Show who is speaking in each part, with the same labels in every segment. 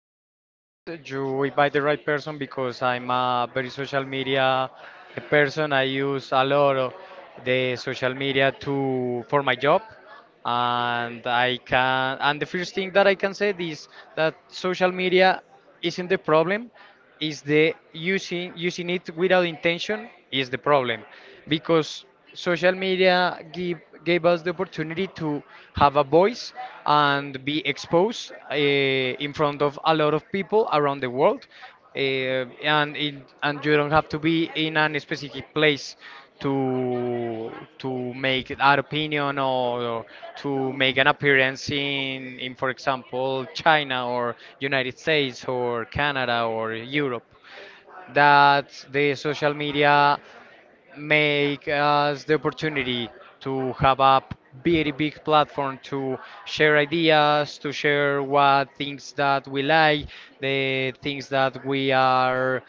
Speaker 1: to say that you invite the right person because I'm a very social media person. I use a lot of the social media to for my job, and I can. And the first thing that I can say is that social media isn't the problem is the using it without intention is the problem because social media give, gave us the opportunity to have a voice and be exposed in front of a lot of people around the world and and you don't have to be in a specific place to to make our opinion or to make an appearance in for example China or United States or Canada or Europe. That the social media make us the opportunity to have a very big platform to share ideas, to share what things that we like, the things that we are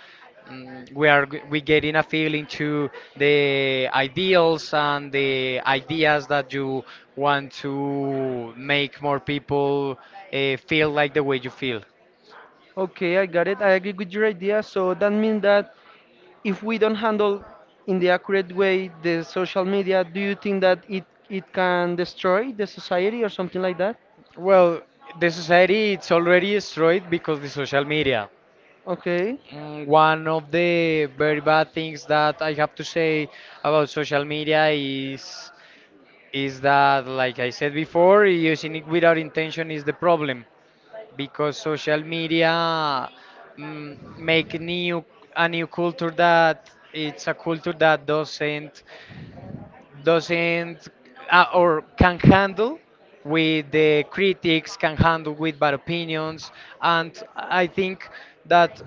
Speaker 1: we are we getting a feeling to the ideals and the ideas that you want to make more people feel like the way you feel.
Speaker 2: Okay, I got it. I agree with your idea. So that means that if we don't handle in the accurate way the social media, do you think that it can destroy the society or something like that?
Speaker 1: Well, the society it's already destroyed because the social media.
Speaker 2: Okay.
Speaker 1: One of the very bad things that I have to say about social media is that, like I said before, using it without intention is the problem because social media make new a new culture that it's a culture that doesn't or can handle with the critics, can handle with bad opinions, and I think that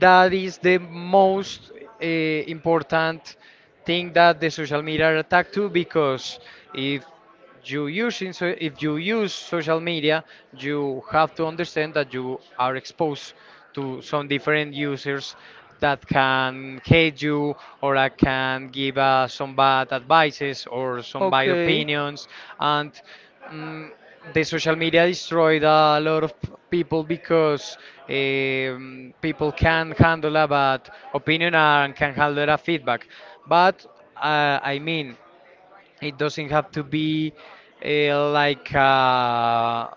Speaker 1: that is the most important thing that the social media are attacked to because if you using so if you use social media you have to understand that you are exposed to some different users that can hate you or that can give some bad advices or some bad
Speaker 2: Okay.
Speaker 1: opinions and mm, the social media destroyed a lot of people because people can handle a bad opinion and can handle a feedback but I mean it doesn't have to be uh, like uh,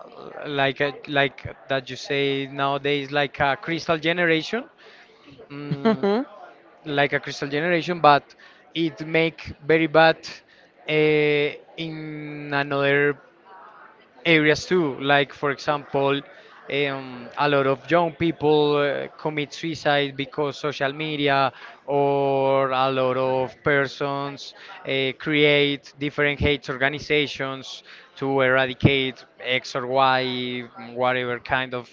Speaker 1: like like that you say nowadays, like a crystal generation, mm,
Speaker 2: Mhm.
Speaker 1: like a crystal generation, but it make very bad uh, in another areas too. Like, for example, a lot of young people commit suicide because social media, or a lot of persons create different hate organizations to eradicate X or Y, whatever kind of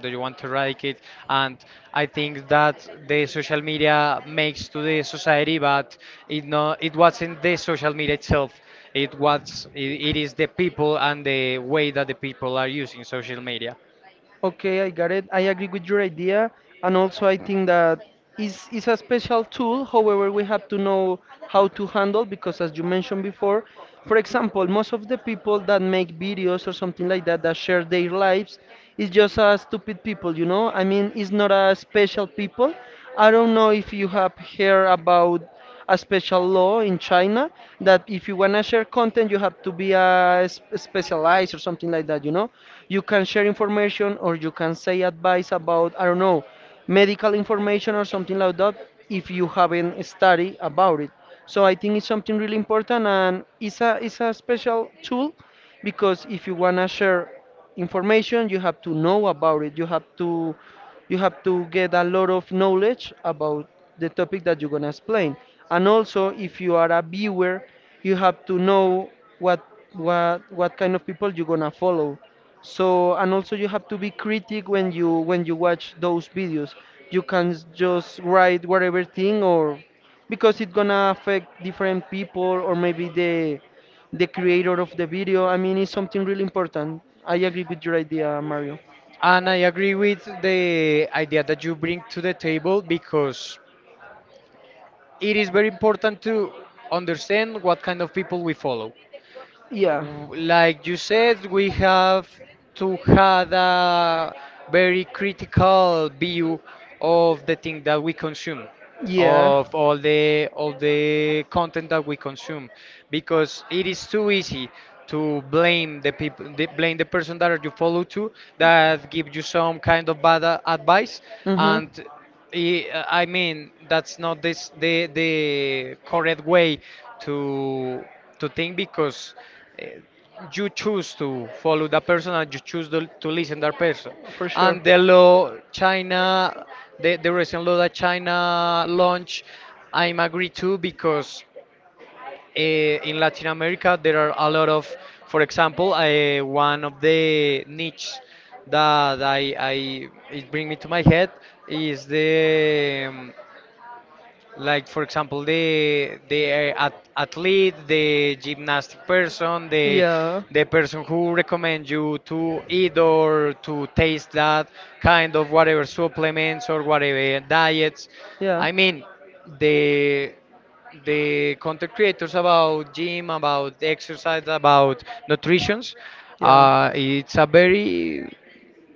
Speaker 1: do you want to eradicate? And I think that the social media makes to the society but it no it wasn't the social media itself it was it is the people and the way that the people are using social media
Speaker 2: Okay, I got it. I agree with your idea, and also I think that is a special tool. However, we have to know how to handle because, as you mentioned before, for example, most of the people that make videos or something like that that share their lives is just a stupid people. You know, I mean, it's not a special people. I don't know if you have heard about a special law in China that if you wanna share content, you have to be a specialized or something like that. You know, you can share information or you can say advice about I don't know medical information or something like that if you haven't studied about it. So I think it's something really important and it's a special tool because if you wanna share information you have to know about it you have to get a lot of knowledge about the topic that you're going to explain, and also if you are a viewer you have to know what what kind of people you're going to follow, so and also you have to be critic when you watch those videos. You can just write whatever thing or because it's going to affect different people or maybe the creator of the video. I mean, it's something really important. I agree with your idea, Mario.
Speaker 1: and I agree with the idea that you bring to the table because it is very important to understand what kind of people we follow
Speaker 2: Yeah,
Speaker 1: like you said, we have to have a very critical view of the thing that we consume,
Speaker 2: yeah.
Speaker 1: of all the content that we consume, because it is too easy to blame the people, blame the person that you follow to that give you some kind of bad advice,
Speaker 2: Mhm.
Speaker 1: and I mean, that's not this the correct way to to think because uh, you choose to follow that person and you choose to listen that person.
Speaker 2: For sure.
Speaker 1: And the law China, the recent law that China launched, I'm agree too because in Latin America, there are a lot of, for example, one of the niches that I it bring me to my head is the like for example the athlete the gymnastic person
Speaker 2: Yeah.
Speaker 1: the person who recommends you to eat or to taste that kind of whatever supplements or whatever diets
Speaker 2: Yeah.
Speaker 1: I mean the the content creators about gym about exercise about nutritions
Speaker 2: Yeah.
Speaker 1: it's a very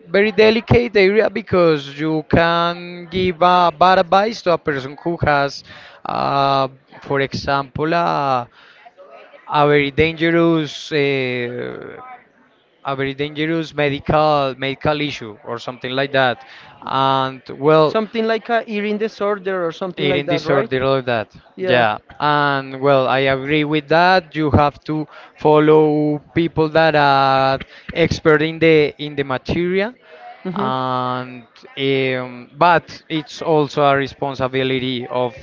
Speaker 1: very delicate area because you can give a bad advice to a person who has, uh, for example, a very dangerous, uh, a very dangerous medical issue or something like that. And well,
Speaker 2: Something like a eating disorder or something like
Speaker 1: eating
Speaker 2: that, right?
Speaker 1: disorder, all of that.
Speaker 2: Yeah.
Speaker 1: Yeah. And well, I agree with that. You have to follow people that are expert in the material.
Speaker 2: Mhm.
Speaker 1: And but it's also a responsibility of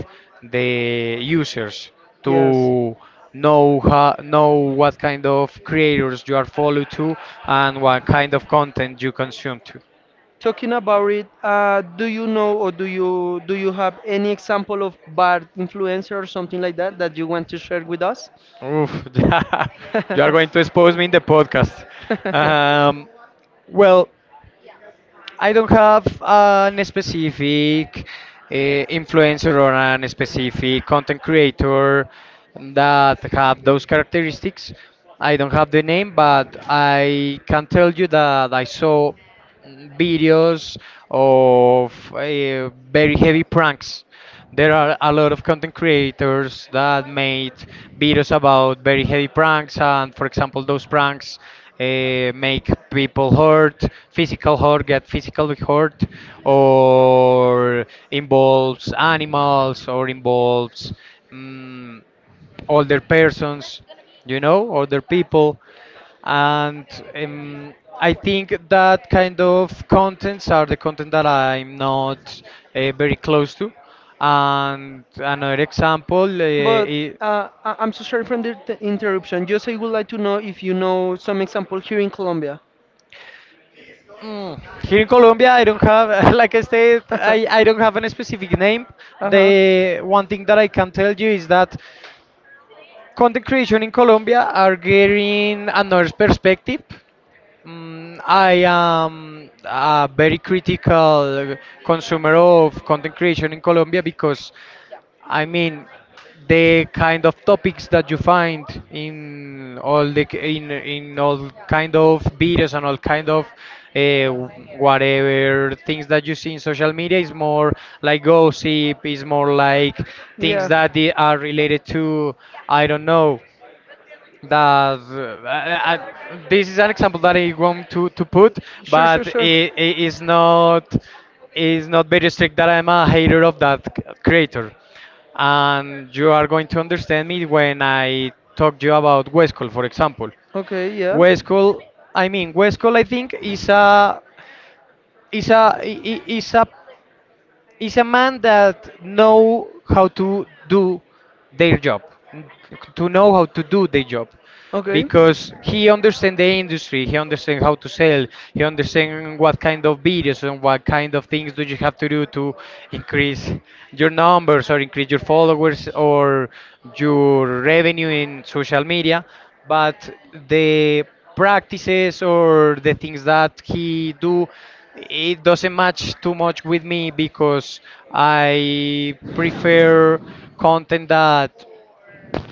Speaker 1: the users
Speaker 2: Yes.
Speaker 1: to know how, know what kind of creators you are follow to and what kind of content you consume to.
Speaker 2: Talking about it, do you know or do you have any example of bad influencer or something like that that you want to share with us?
Speaker 1: Oof, yeah, you are
Speaker 2: You're
Speaker 1: going to expose me in the podcast. Um, well, I don't have an specific influencer or an specific content creator that have those characteristics. I don't have the name, but I can tell you that I saw videos of very heavy pranks. There are a lot of content creators that made videos about very heavy pranks, and for example, those pranks make people hurt, physical hurt, get physically hurt, or involves animals, or involves. mm Older persons, you know, older people. And um, I think that kind of contents are the content that I'm not very close to. And another example,
Speaker 2: But
Speaker 1: I
Speaker 2: I'm so sorry for the interruption. Just I would like to know if you know some example here in Colombia.
Speaker 1: Here in Colombia, I don't have, like I said, I don't have any specific name.
Speaker 2: Uh-huh.
Speaker 1: The one thing that I can tell you is that content creation in Colombia are getting another perspective. I am a very critical consumer of content creation in Colombia because, I mean, the kind of topics that you find in all the in all kind of videos and all kind of uh, whatever things that you see in social media is more like gossip, is more like things
Speaker 2: Yeah.
Speaker 1: that they are related to, I don't know that I, this is an example that I want to
Speaker 2: Mm.
Speaker 1: put,
Speaker 2: Sure,
Speaker 1: but
Speaker 2: sure, sure.
Speaker 1: it is not very strict that I'm a hater of that creator, and you are going to understand me when I talk to you about Westcol, for example.
Speaker 2: Okay, yeah.
Speaker 1: Westcol, I mean Westcol, I think is a is a is a is a man that know how to do their job n- to know how to do their job
Speaker 2: Okay.
Speaker 1: because he understands the industry he understands how to sell he understands what kind of videos and what kind of things do you have to do to increase your numbers or increase your followers or your revenue in social media but the practices or the things that he do it doesn't match too much with me because I prefer content that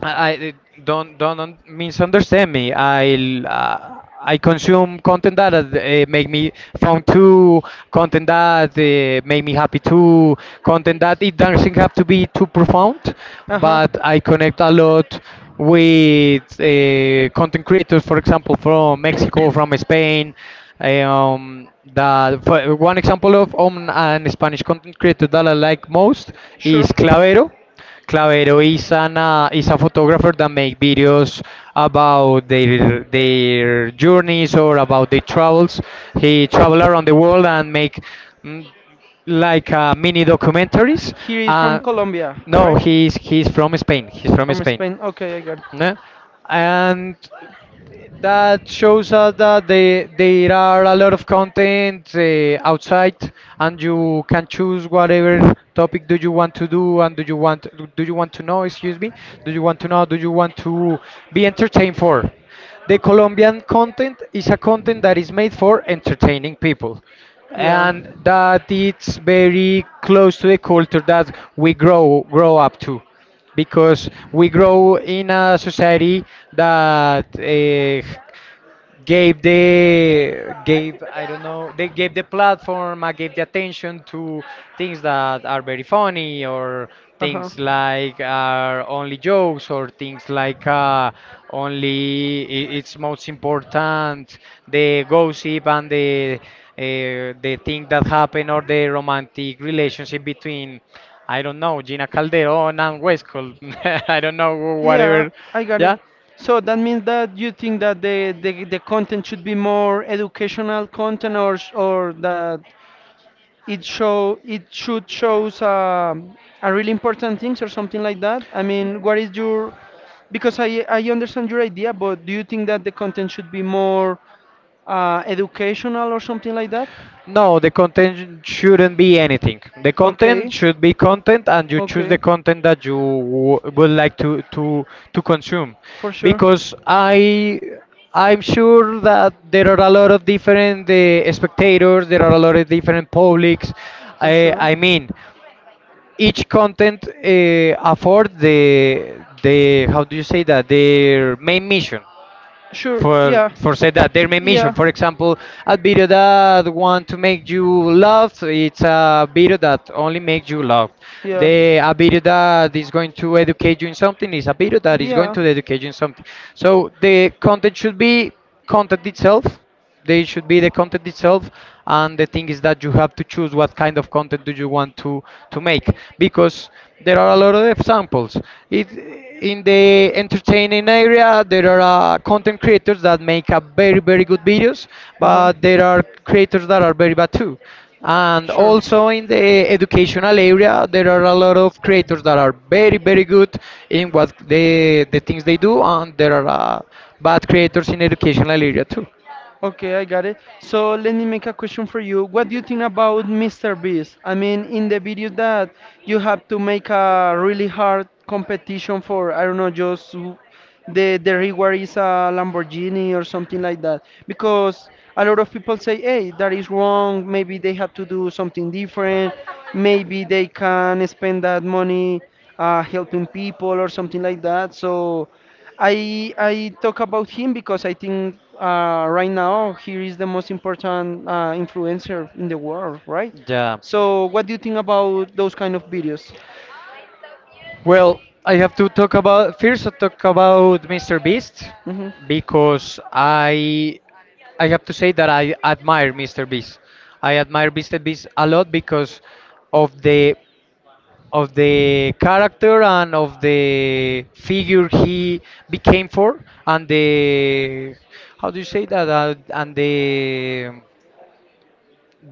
Speaker 1: I I- don't misunderstand me. I consume content that make me fun too, content that make me happy too, content that it doesn't have to be too profound,
Speaker 2: Uh huh.
Speaker 1: but I connect a lot with content creators, for example, from Mexico, from Spain. Um, that for one example of an Spanish content creator that I like most is
Speaker 2: Sure.
Speaker 1: Clavero. Clavero is an is a photographer that make videos about their journeys or about their travels. He travel around the world and make mm, like mini documentaries.
Speaker 2: He is from
Speaker 1: Uh,
Speaker 2: Colombia,
Speaker 1: no,
Speaker 2: right?
Speaker 1: he's from Spain. He's from
Speaker 2: From
Speaker 1: Spain.
Speaker 2: Spain. Okay, I got it.
Speaker 1: No? And that shows us that they, there are a lot of content outside, and you can choose whatever topic do you want to do, and do you want to know? Excuse me, do you want to know? Do you want to be entertained for? The Colombian content is a content that is made for entertaining people
Speaker 2: Yeah.
Speaker 1: and that it's very close to the culture that we grow up to because we grow in a society that gave the gave I don't know they gave the platform I gave the attention to things that are very funny or
Speaker 2: Uh huh.
Speaker 1: things like are only jokes or things like only it's most important the gossip and the thing that happened or the romantic relationship between I don't know Gina Calderon and Westcott I don't know
Speaker 2: Yeah,
Speaker 1: whatever
Speaker 2: I got
Speaker 1: yeah
Speaker 2: it. So that means that you think that the, the, content should be more educational content or or that it should shows a really important things or something like that. I mean, what is your because I understand your idea, but do you think that the content should be more educational or something like that?
Speaker 1: No, the content shouldn't be anything. The
Speaker 2: Okay,
Speaker 1: content should be content, and you choose the
Speaker 2: okay,
Speaker 1: content that you w would like to to consume,
Speaker 2: for sure.
Speaker 1: because I'm sure that there are a lot of different spectators, there are a lot of different publics.
Speaker 2: For
Speaker 1: I
Speaker 2: sure.
Speaker 1: I mean, each content afford the how do you say that their main mission
Speaker 2: Sure,
Speaker 1: for
Speaker 2: yeah.
Speaker 1: for say that their main mission. For example, a video that want to make you laugh, it's a video that only makes you laugh.
Speaker 2: Yeah. Yeah.
Speaker 1: The a video that is going to educate you in something is a video that is going
Speaker 2: Yeah.
Speaker 1: to educate you in something. So the content should be content itself they should be the content itself, and the thing is that you have to choose what kind of content do you want to make, because there are a lot of examples it in the entertaining area. There are content creators that make a very very good videos,
Speaker 2: Uh huh.
Speaker 1: but there are creators that are very bad too. And
Speaker 2: Sure.
Speaker 1: also in the educational area there are a lot of creators that are very very good in what they the things they do, and there are bad creators in educational area too.
Speaker 2: Okay, I got it. So let me make a question for you. What do you think about Mr. Beast? I mean, in the video that you have to make a really hard competition for, I don't know, just the reward is a Lamborghini or something like that. Because a lot of people say, hey, that is wrong. Maybe they have to do something different. Maybe they can spend that money helping people or something like that. So. I talk about him because I think right now he is the most important influencer in the world, right?
Speaker 1: Yeah,
Speaker 2: So what do you think about those kind of videos?
Speaker 1: well, I have to talk about first I talk about Mr. Beast,
Speaker 2: Mhm.
Speaker 1: because I have to say that I admire Mr. Beast. I admire Mr. Beast a lot because of the of the character and of the figure he became for, and the how do you say that, and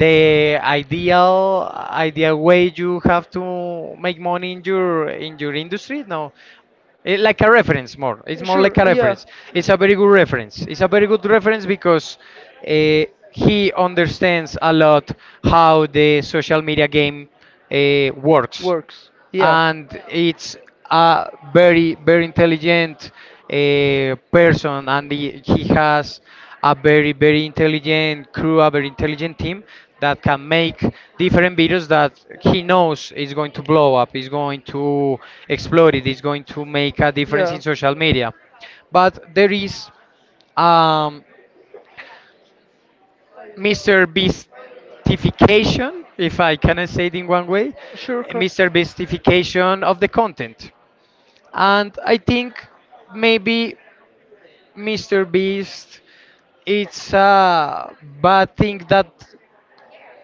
Speaker 1: the ideal way you have to make money in your industry, no? it, like a reference more it's more like
Speaker 2: Sure,
Speaker 1: a
Speaker 2: yeah.
Speaker 1: reference. It's a very good reference. It's a very good reference because uh, he understands a lot how the social media game works.
Speaker 2: Works, yeah.
Speaker 1: And it's a very very intelligent person, and he has a very very intelligent crew, a very intelligent team that can make different videos that he knows is going to blow up, is going to explode, it is going to make a difference in social media. But
Speaker 2: Yeah.
Speaker 1: there is um, Mr. Beastification, if I can say it in one way,
Speaker 2: Sure, Carl.
Speaker 1: Mr. Beastification of the content. And I think maybe Mr. Beast it's a bad thing that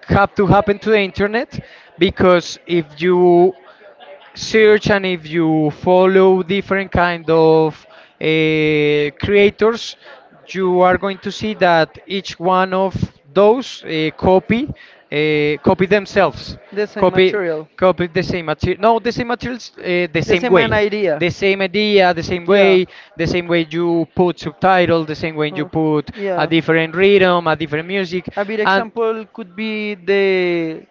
Speaker 1: have to happen to the internet, because if you search and if you follow different kind of creators, you are going to see that each one of those copy themselves,
Speaker 2: The same
Speaker 1: copy
Speaker 2: material.
Speaker 1: copy the same material, no, the same materials, the
Speaker 2: The
Speaker 1: same
Speaker 2: same an
Speaker 1: way,
Speaker 2: idea.
Speaker 1: the same idea, the same
Speaker 2: Yeah.
Speaker 1: way, the same way you put subtitle, the same way you
Speaker 2: Huh.
Speaker 1: put a
Speaker 2: Yeah.
Speaker 1: different rhythm, a different music,
Speaker 2: A big
Speaker 1: and
Speaker 2: example could be the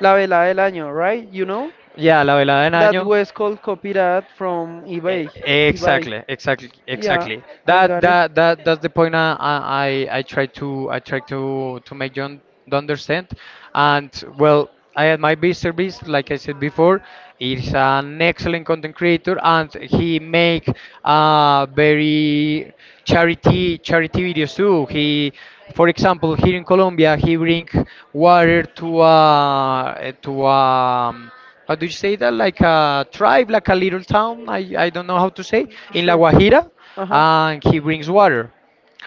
Speaker 2: La Velada del Año, right? You know?
Speaker 1: yeah, la velada en
Speaker 2: That
Speaker 1: año.
Speaker 2: was called copyright from eBay. eBay.
Speaker 1: Exactly, exactly,
Speaker 2: Yeah,
Speaker 1: exactly.
Speaker 2: I
Speaker 1: That
Speaker 2: got it.
Speaker 1: that that that's the point. I try to to make John to understand. And well, I had my Mr. Beast, like I said before, is an excellent content creator, and he make very charity videos too. He, for example, here in Colombia, he bring water to how do you say that? Like a tribe, like a little town. I don't know how to say in La Guajira,
Speaker 2: Uh huh.
Speaker 1: and he brings water.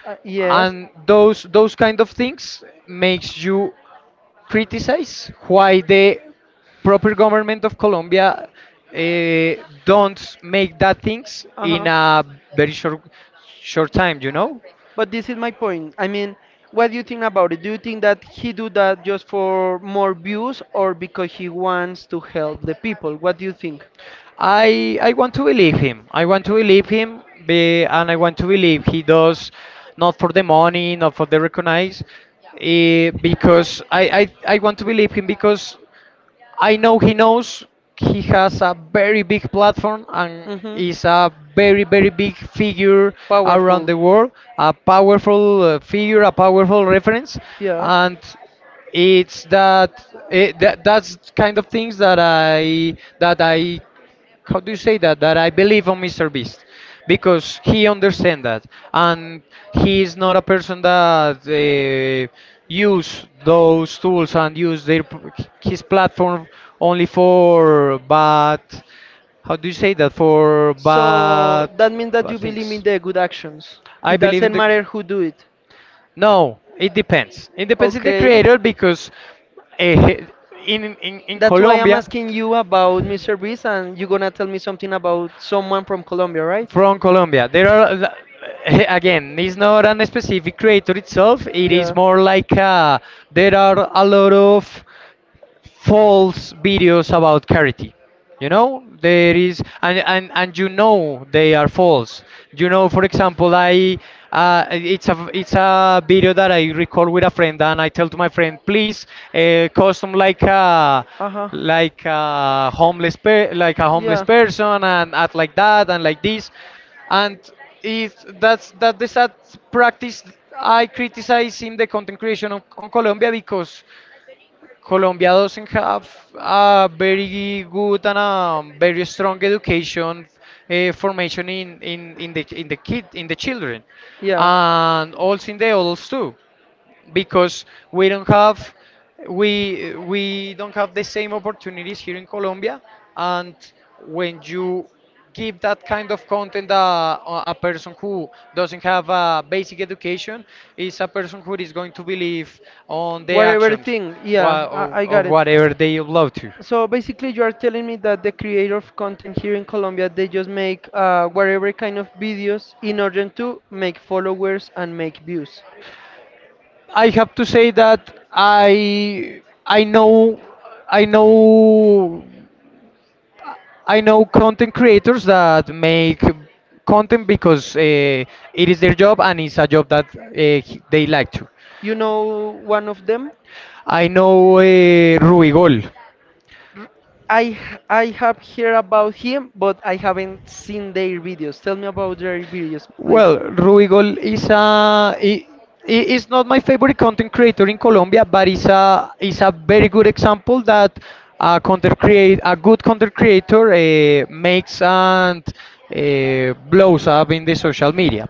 Speaker 2: Yes.
Speaker 1: And those kind of things makes you criticize why the proper government of Colombia uh, don't make that things in a very short time. You know?
Speaker 2: But this is my point. I mean, what do you think about it? Do you think that he do that just for more views or because he wants to help the people? What do you think?
Speaker 1: I want to believe him. I want to believe him, and I want to believe he does not for the money, not for the recognize, eh, because I want to believe him, because I know he knows he has a very big platform and
Speaker 2: Hmm.
Speaker 1: is a very very big figure around
Speaker 2: Powerful.
Speaker 1: the world, a powerful figure, a powerful reference.
Speaker 2: Yeah.
Speaker 1: And it's that that's kind of things that I how do you say that that I believe on Mr. Beast, because he understand that. And he is not a person that use those tools and use his platform only for bad, how do you say that, for bad,
Speaker 2: So that means that
Speaker 1: bad
Speaker 2: you believe in
Speaker 1: things.
Speaker 2: the good actions.
Speaker 1: I
Speaker 2: It
Speaker 1: believe in
Speaker 2: doesn't
Speaker 1: the
Speaker 2: matter who do it.
Speaker 1: no. It depends. It depends in the
Speaker 2: Okay.
Speaker 1: creator, because uh, in
Speaker 2: That's why I'm
Speaker 1: Colombia
Speaker 2: asking you about Mr. Beast and you're gonna tell me something about someone from Colombia, right?
Speaker 1: from Colombia, there are again, it's not an specific creator itself. It is
Speaker 2: Yeah.
Speaker 1: more like there are a lot of false videos about charity, you know. There is, and and you know they are false, you know. For example, I it's a video that I record with a friend, and I tell to my friend, please, custom like a
Speaker 2: Uh huh.
Speaker 1: like a homeless
Speaker 2: Yeah.
Speaker 1: person, and act like that and like this. And it's that's that the sad practice I criticize in the content creation on colombia, because Colombia doesn't have a very good and a very strong education, formation in the in the kid in the children,
Speaker 2: Yeah.
Speaker 1: and also in the adults too, because we don't have we don't have the same opportunities here in Colombia. And when you give that kind of content a person who doesn't have a basic education is a person who is going to believe on the
Speaker 2: Whatever
Speaker 1: actions,
Speaker 2: thing. Yeah, I
Speaker 1: of
Speaker 2: got it.
Speaker 1: whatever they upload to.
Speaker 2: So basically, you are telling me that the creator of content here in Colombia, they just make whatever kind of videos in order to make followers and make views.
Speaker 1: I have to say that I know I know I know content creators that make content because it is their job, and it's a job that they like to.
Speaker 2: You know one of them?
Speaker 1: I know Ruigol.
Speaker 2: I have heard about him, but I haven't seen their videos. Tell me about their videos, please.
Speaker 1: Well, Ruigol is is not my favorite content creator in Colombia, but is a very good example that a good content creator makes and blows up in the social media.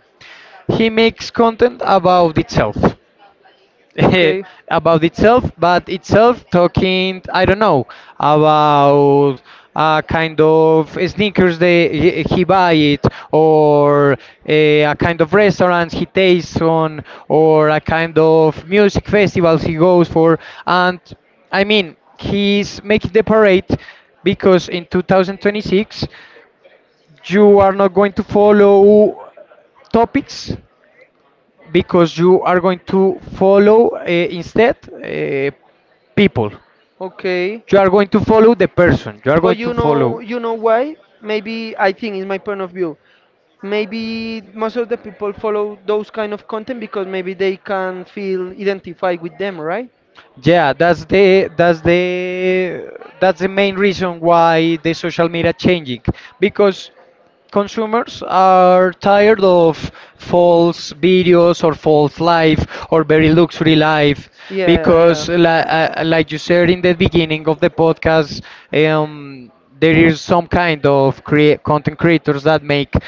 Speaker 1: He makes content about itself
Speaker 2: Okay.
Speaker 1: about itself, but itself talking, I don't know, about a kind of sneakers they he buy it, or a kind of restaurants he tastes on, or a kind of music festivals he goes for. And I mean he's making the parade, because in 2026 you are not going to follow topics, because you are going to follow instead people.
Speaker 2: Okay.
Speaker 1: You are going to follow the person. You are
Speaker 2: But
Speaker 1: going to follow.
Speaker 2: you know why? Maybe I think it's my point of view. Maybe most of the people follow those kind of content because maybe they can feel identified with them, right?
Speaker 1: Yeah, that's the that's the that's the main reason why the social media changing, because consumers are tired of false videos or false life or very luxury life,
Speaker 2: Yeah,
Speaker 1: because
Speaker 2: yeah.
Speaker 1: like you said in the beginning of the podcast, um, there is some kind of content creators that make,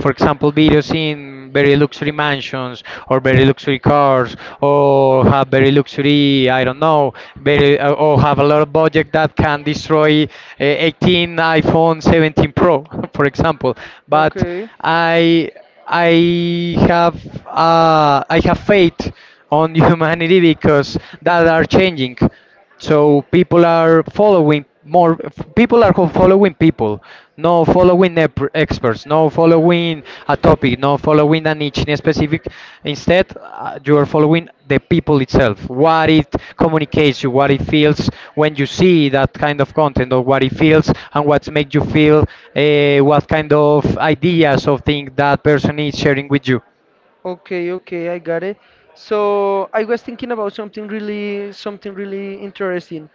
Speaker 1: for example, videos in very luxury mansions or very luxury cars, or have very luxury, I don't know, very or have a lot of budget that can destroy 18 iPhone 17 Pro, for example. But
Speaker 2: Okay.
Speaker 1: I I have I have faith on humanity, because that are changing. So people are following more, people are following people, no following experts, no following a topic, no following a niche in a specific. Instead, you are following the people itself, what it communicates you, what it feels when you see that kind of content, or what it feels and what makes you feel, what kind of ideas or things that person is sharing with you.
Speaker 2: Okay, okay, I got it. So I was thinking about something really interesting.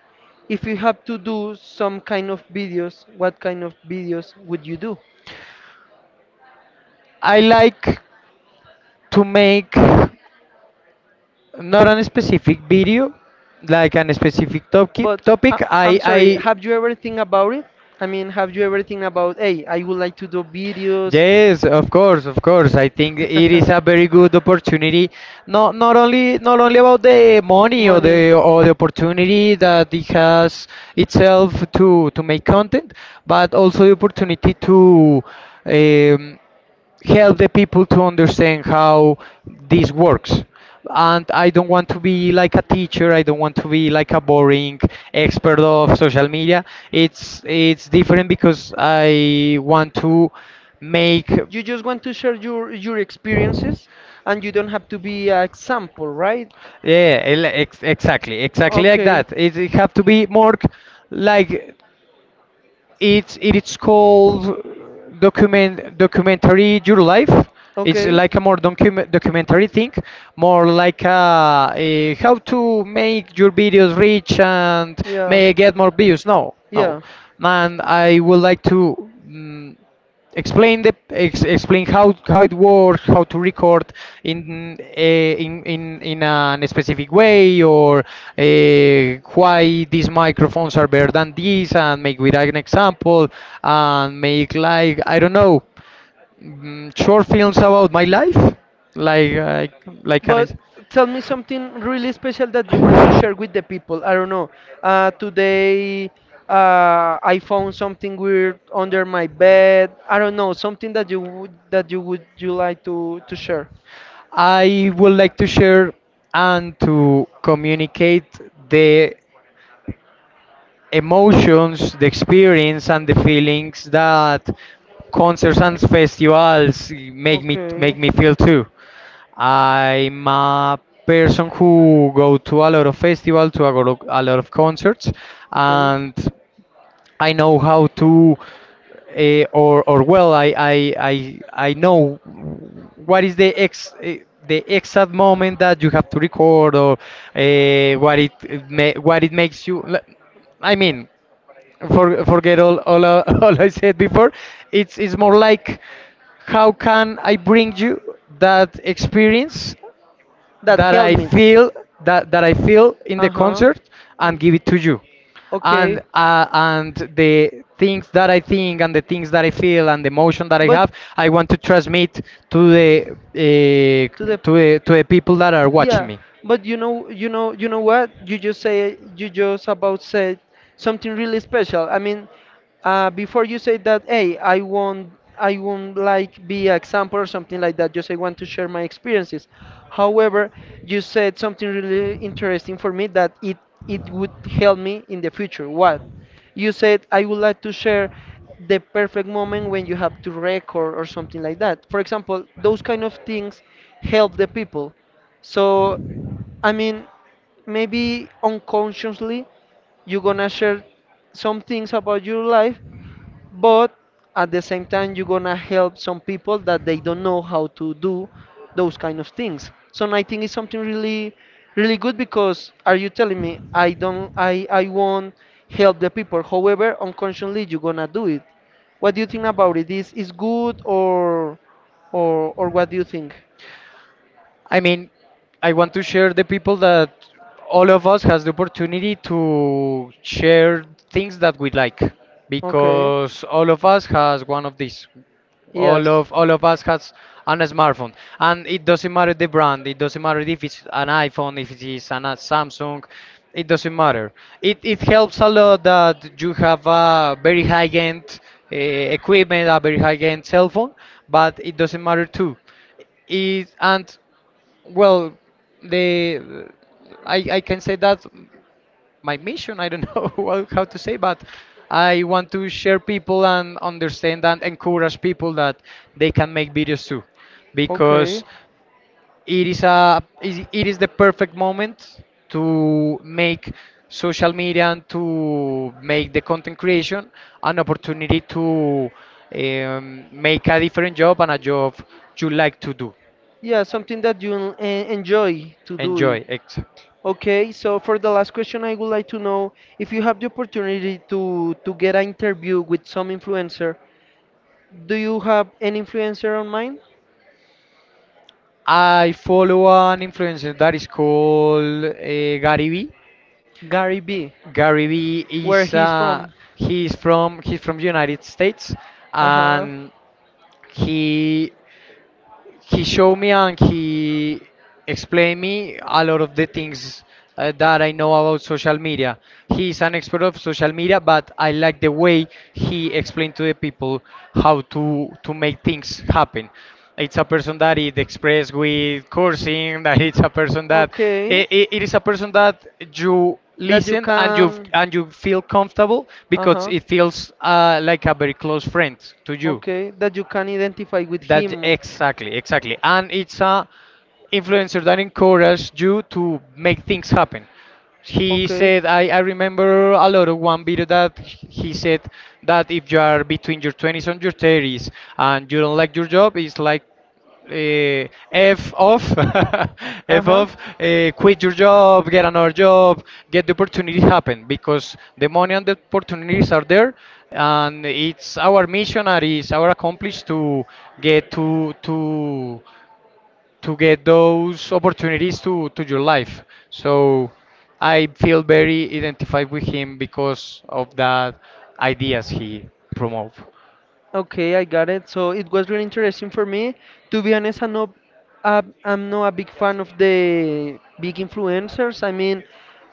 Speaker 2: If you have to do some kind of videos, what kind of videos would you do?
Speaker 1: I like to make not on a specific video, like on a specific topic.
Speaker 2: But uh, I'm sorry, have you ever think about it? I mean, have you ever think about, hey, I would like to do videos,
Speaker 1: Yes, of course, of course. I think it is a very good opportunity. Not only about the money or
Speaker 2: money?
Speaker 1: the opportunity that it has itself to make content, but also the opportunity to. Um, help the people to understand how this works. And I don't want to be like a teacher. I don't want to be like a boring expert of social media. It's different because I want to make
Speaker 2: You just want to share your experiences, and you don't have to be an example, right?
Speaker 1: yeah exactly, exactly like
Speaker 2: Okay,
Speaker 1: that. It have to be more like It's it is called documentary your life. It's
Speaker 2: okay,
Speaker 1: like a more documentary thing, more like a how to make your videos reach and
Speaker 2: yeah.
Speaker 1: may get more views. No, no,
Speaker 2: Yeah.
Speaker 1: man, I would like to. Explain explain how it works, how to record in a, in a specific way, or why these microphones are better than these, and make with an example, and make like I don't know, short films about my life, like can I?
Speaker 2: But tell me something really special that you want to share with the people. I don't know. Today I found something weird under my bed. I don't know. Something that you would that you like to share.
Speaker 1: I would like to share and to communicate the emotions, the experience, and the feelings that concerts and festivals make
Speaker 2: Okay.
Speaker 1: me feel too. I'm a person who go to a lot of festivals, to a lot of concerts, and I know how to, or I I know what is the exact moment that you have to record, or what what it makes you. I mean forget all I said before. It's more like how can I bring you that experience
Speaker 2: That
Speaker 1: that I
Speaker 2: helmet.
Speaker 1: feel that I feel in the
Speaker 2: Uh huh.
Speaker 1: concert and give it to you,
Speaker 2: Okay.
Speaker 1: and the things that I think and the things that I feel and the emotion that I have,
Speaker 2: But
Speaker 1: I want to transmit to the
Speaker 2: to the
Speaker 1: to the people that are watching
Speaker 2: Yeah,
Speaker 1: me.
Speaker 2: but you know, you know what? You just about said something really special. I mean, before you say that, hey, I won't like be an example or something like that. Just I want to share my experiences. However, you said something really interesting for me that it would help me in the future. What? You said I would like to share the perfect moment when you have to record or something like that. For example, those kind of things help the people so, I mean, maybe unconsciously you're gonna share some things about your life, but at the same time you're gonna help some people that they don't know how to do those kind of things. So I think it's something really, really good because are you telling me I don't, I won't help the people? However, unconsciously you're gonna do it. What do you think about it? Is good or, or what do you think?
Speaker 1: I mean, I want to share the people that all of us has the opportunity to share things that we like, because all of us has one of these.
Speaker 2: You. Yes.
Speaker 1: All of us has an smartphone, and it doesn't matter the brand. It doesn't matter if it's an iPhone, if it is a Samsung. It doesn't matter. It helps a lot that you have a very high end equipment, a very high end cell phone, but it doesn't matter too is and well, the I can say that my mission, I don't know how to say, but I want to share people and understand and encourage people that they can make videos too,
Speaker 2: Okay.
Speaker 1: because it is a it it is the perfect moment to make social media and to make the content creation an opportunity to make a different job, and a job you like to do.
Speaker 2: Yeah, something that you enjoy to do it.
Speaker 1: Enjoy, exact.
Speaker 2: Okay, so for the last question, I would like to know if you have the opportunity to get an interview with some influencer, do you have an influencer on mind?
Speaker 1: I follow an influencer that is called Gary Vee.
Speaker 2: Gary B,
Speaker 1: Gary Vee
Speaker 2: where
Speaker 1: is
Speaker 2: he's from.
Speaker 1: he's from United States.
Speaker 2: Uh-huh.
Speaker 1: And he showed me and he explained me a lot of the things that I know about social media. He's an expert of social media, but I like the way he explained to the people how to make things happen. It's a person that is expressed with cursing. That it's a
Speaker 2: Is.
Speaker 1: person that
Speaker 2: Okay.
Speaker 1: it is a person that you
Speaker 2: That you
Speaker 1: listen and
Speaker 2: can.
Speaker 1: you feel comfortable,
Speaker 2: Uh
Speaker 1: because
Speaker 2: huh.
Speaker 1: it feels like a very close friend to you.
Speaker 2: Okay. That you can identify with
Speaker 1: That
Speaker 2: him.
Speaker 1: exactly, exactly. And it's a influencer that encourages you to make things happen. He
Speaker 2: Okay.
Speaker 1: said, I remember a lot of one video that he said, that if you are between your 20s and your 30s and you don't like your job, it's like eh, F off,
Speaker 2: Uh
Speaker 1: F
Speaker 2: huh.
Speaker 1: off, eh, quit your job, get another job, get the opportunity happen, because the money and the opportunities are there, and it's our mission and it's our accomplish to get to get those opportunities to your life. So I feel very identified with him because of that ideas he promote.
Speaker 2: Okay, I got it. So it was really interesting for me. To be honest, I'm not a big fan of the big influencers. I mean,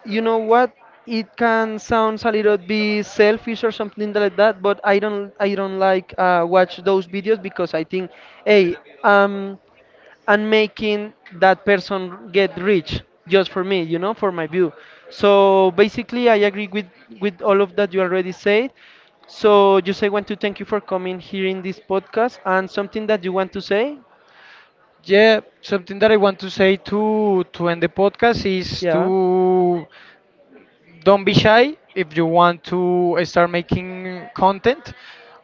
Speaker 2: you know what? It can sound a little bit selfish or something like that, but I don't like watch those videos because I think, hey, um, and making that person get rich just for me, you know, for my view. So basically I agree with all of that you already said. So just I want to thank you for coming here in this podcast, and something that you want to say.
Speaker 1: Yeah, something that I want to say to end the podcast is
Speaker 2: Yeah.
Speaker 1: to don't be shy if you want to start making content.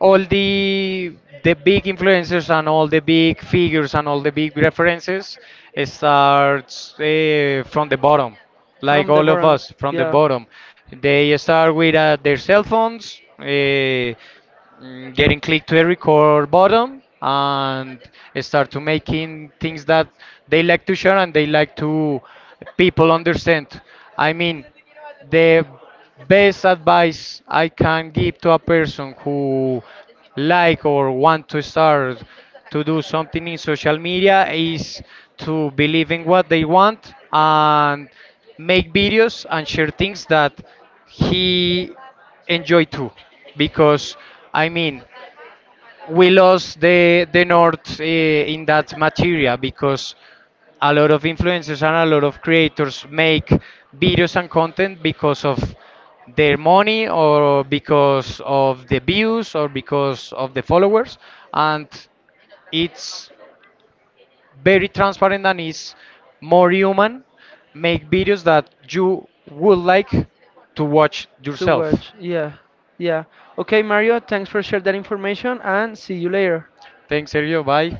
Speaker 1: All the big influencers and all the big figures and all the big references starts from the bottom, like
Speaker 2: From the
Speaker 1: all of
Speaker 2: bottom,
Speaker 1: us from the
Speaker 2: yeah.
Speaker 1: bottom. They start with their cell phones. Getting click to the record button, and start to making things that they like to share, and they like to people understand. I mean, the best advice I can give to a person who like or want to start to do something in social media is to believe in what they want, and make videos and share things that he enjoy too, because I mean we lost the north in that materia, because a lot of influencers and a lot of creators make videos and content because of their money or because of the views or because of the followers. And it's very transparent, and it's more human, make videos that you would like to watch
Speaker 2: To
Speaker 1: yourself.
Speaker 2: watch, yeah. Yeah. Okay Mario, thanks for sharing that information, and see you later.
Speaker 1: Thanks Sergio, bye.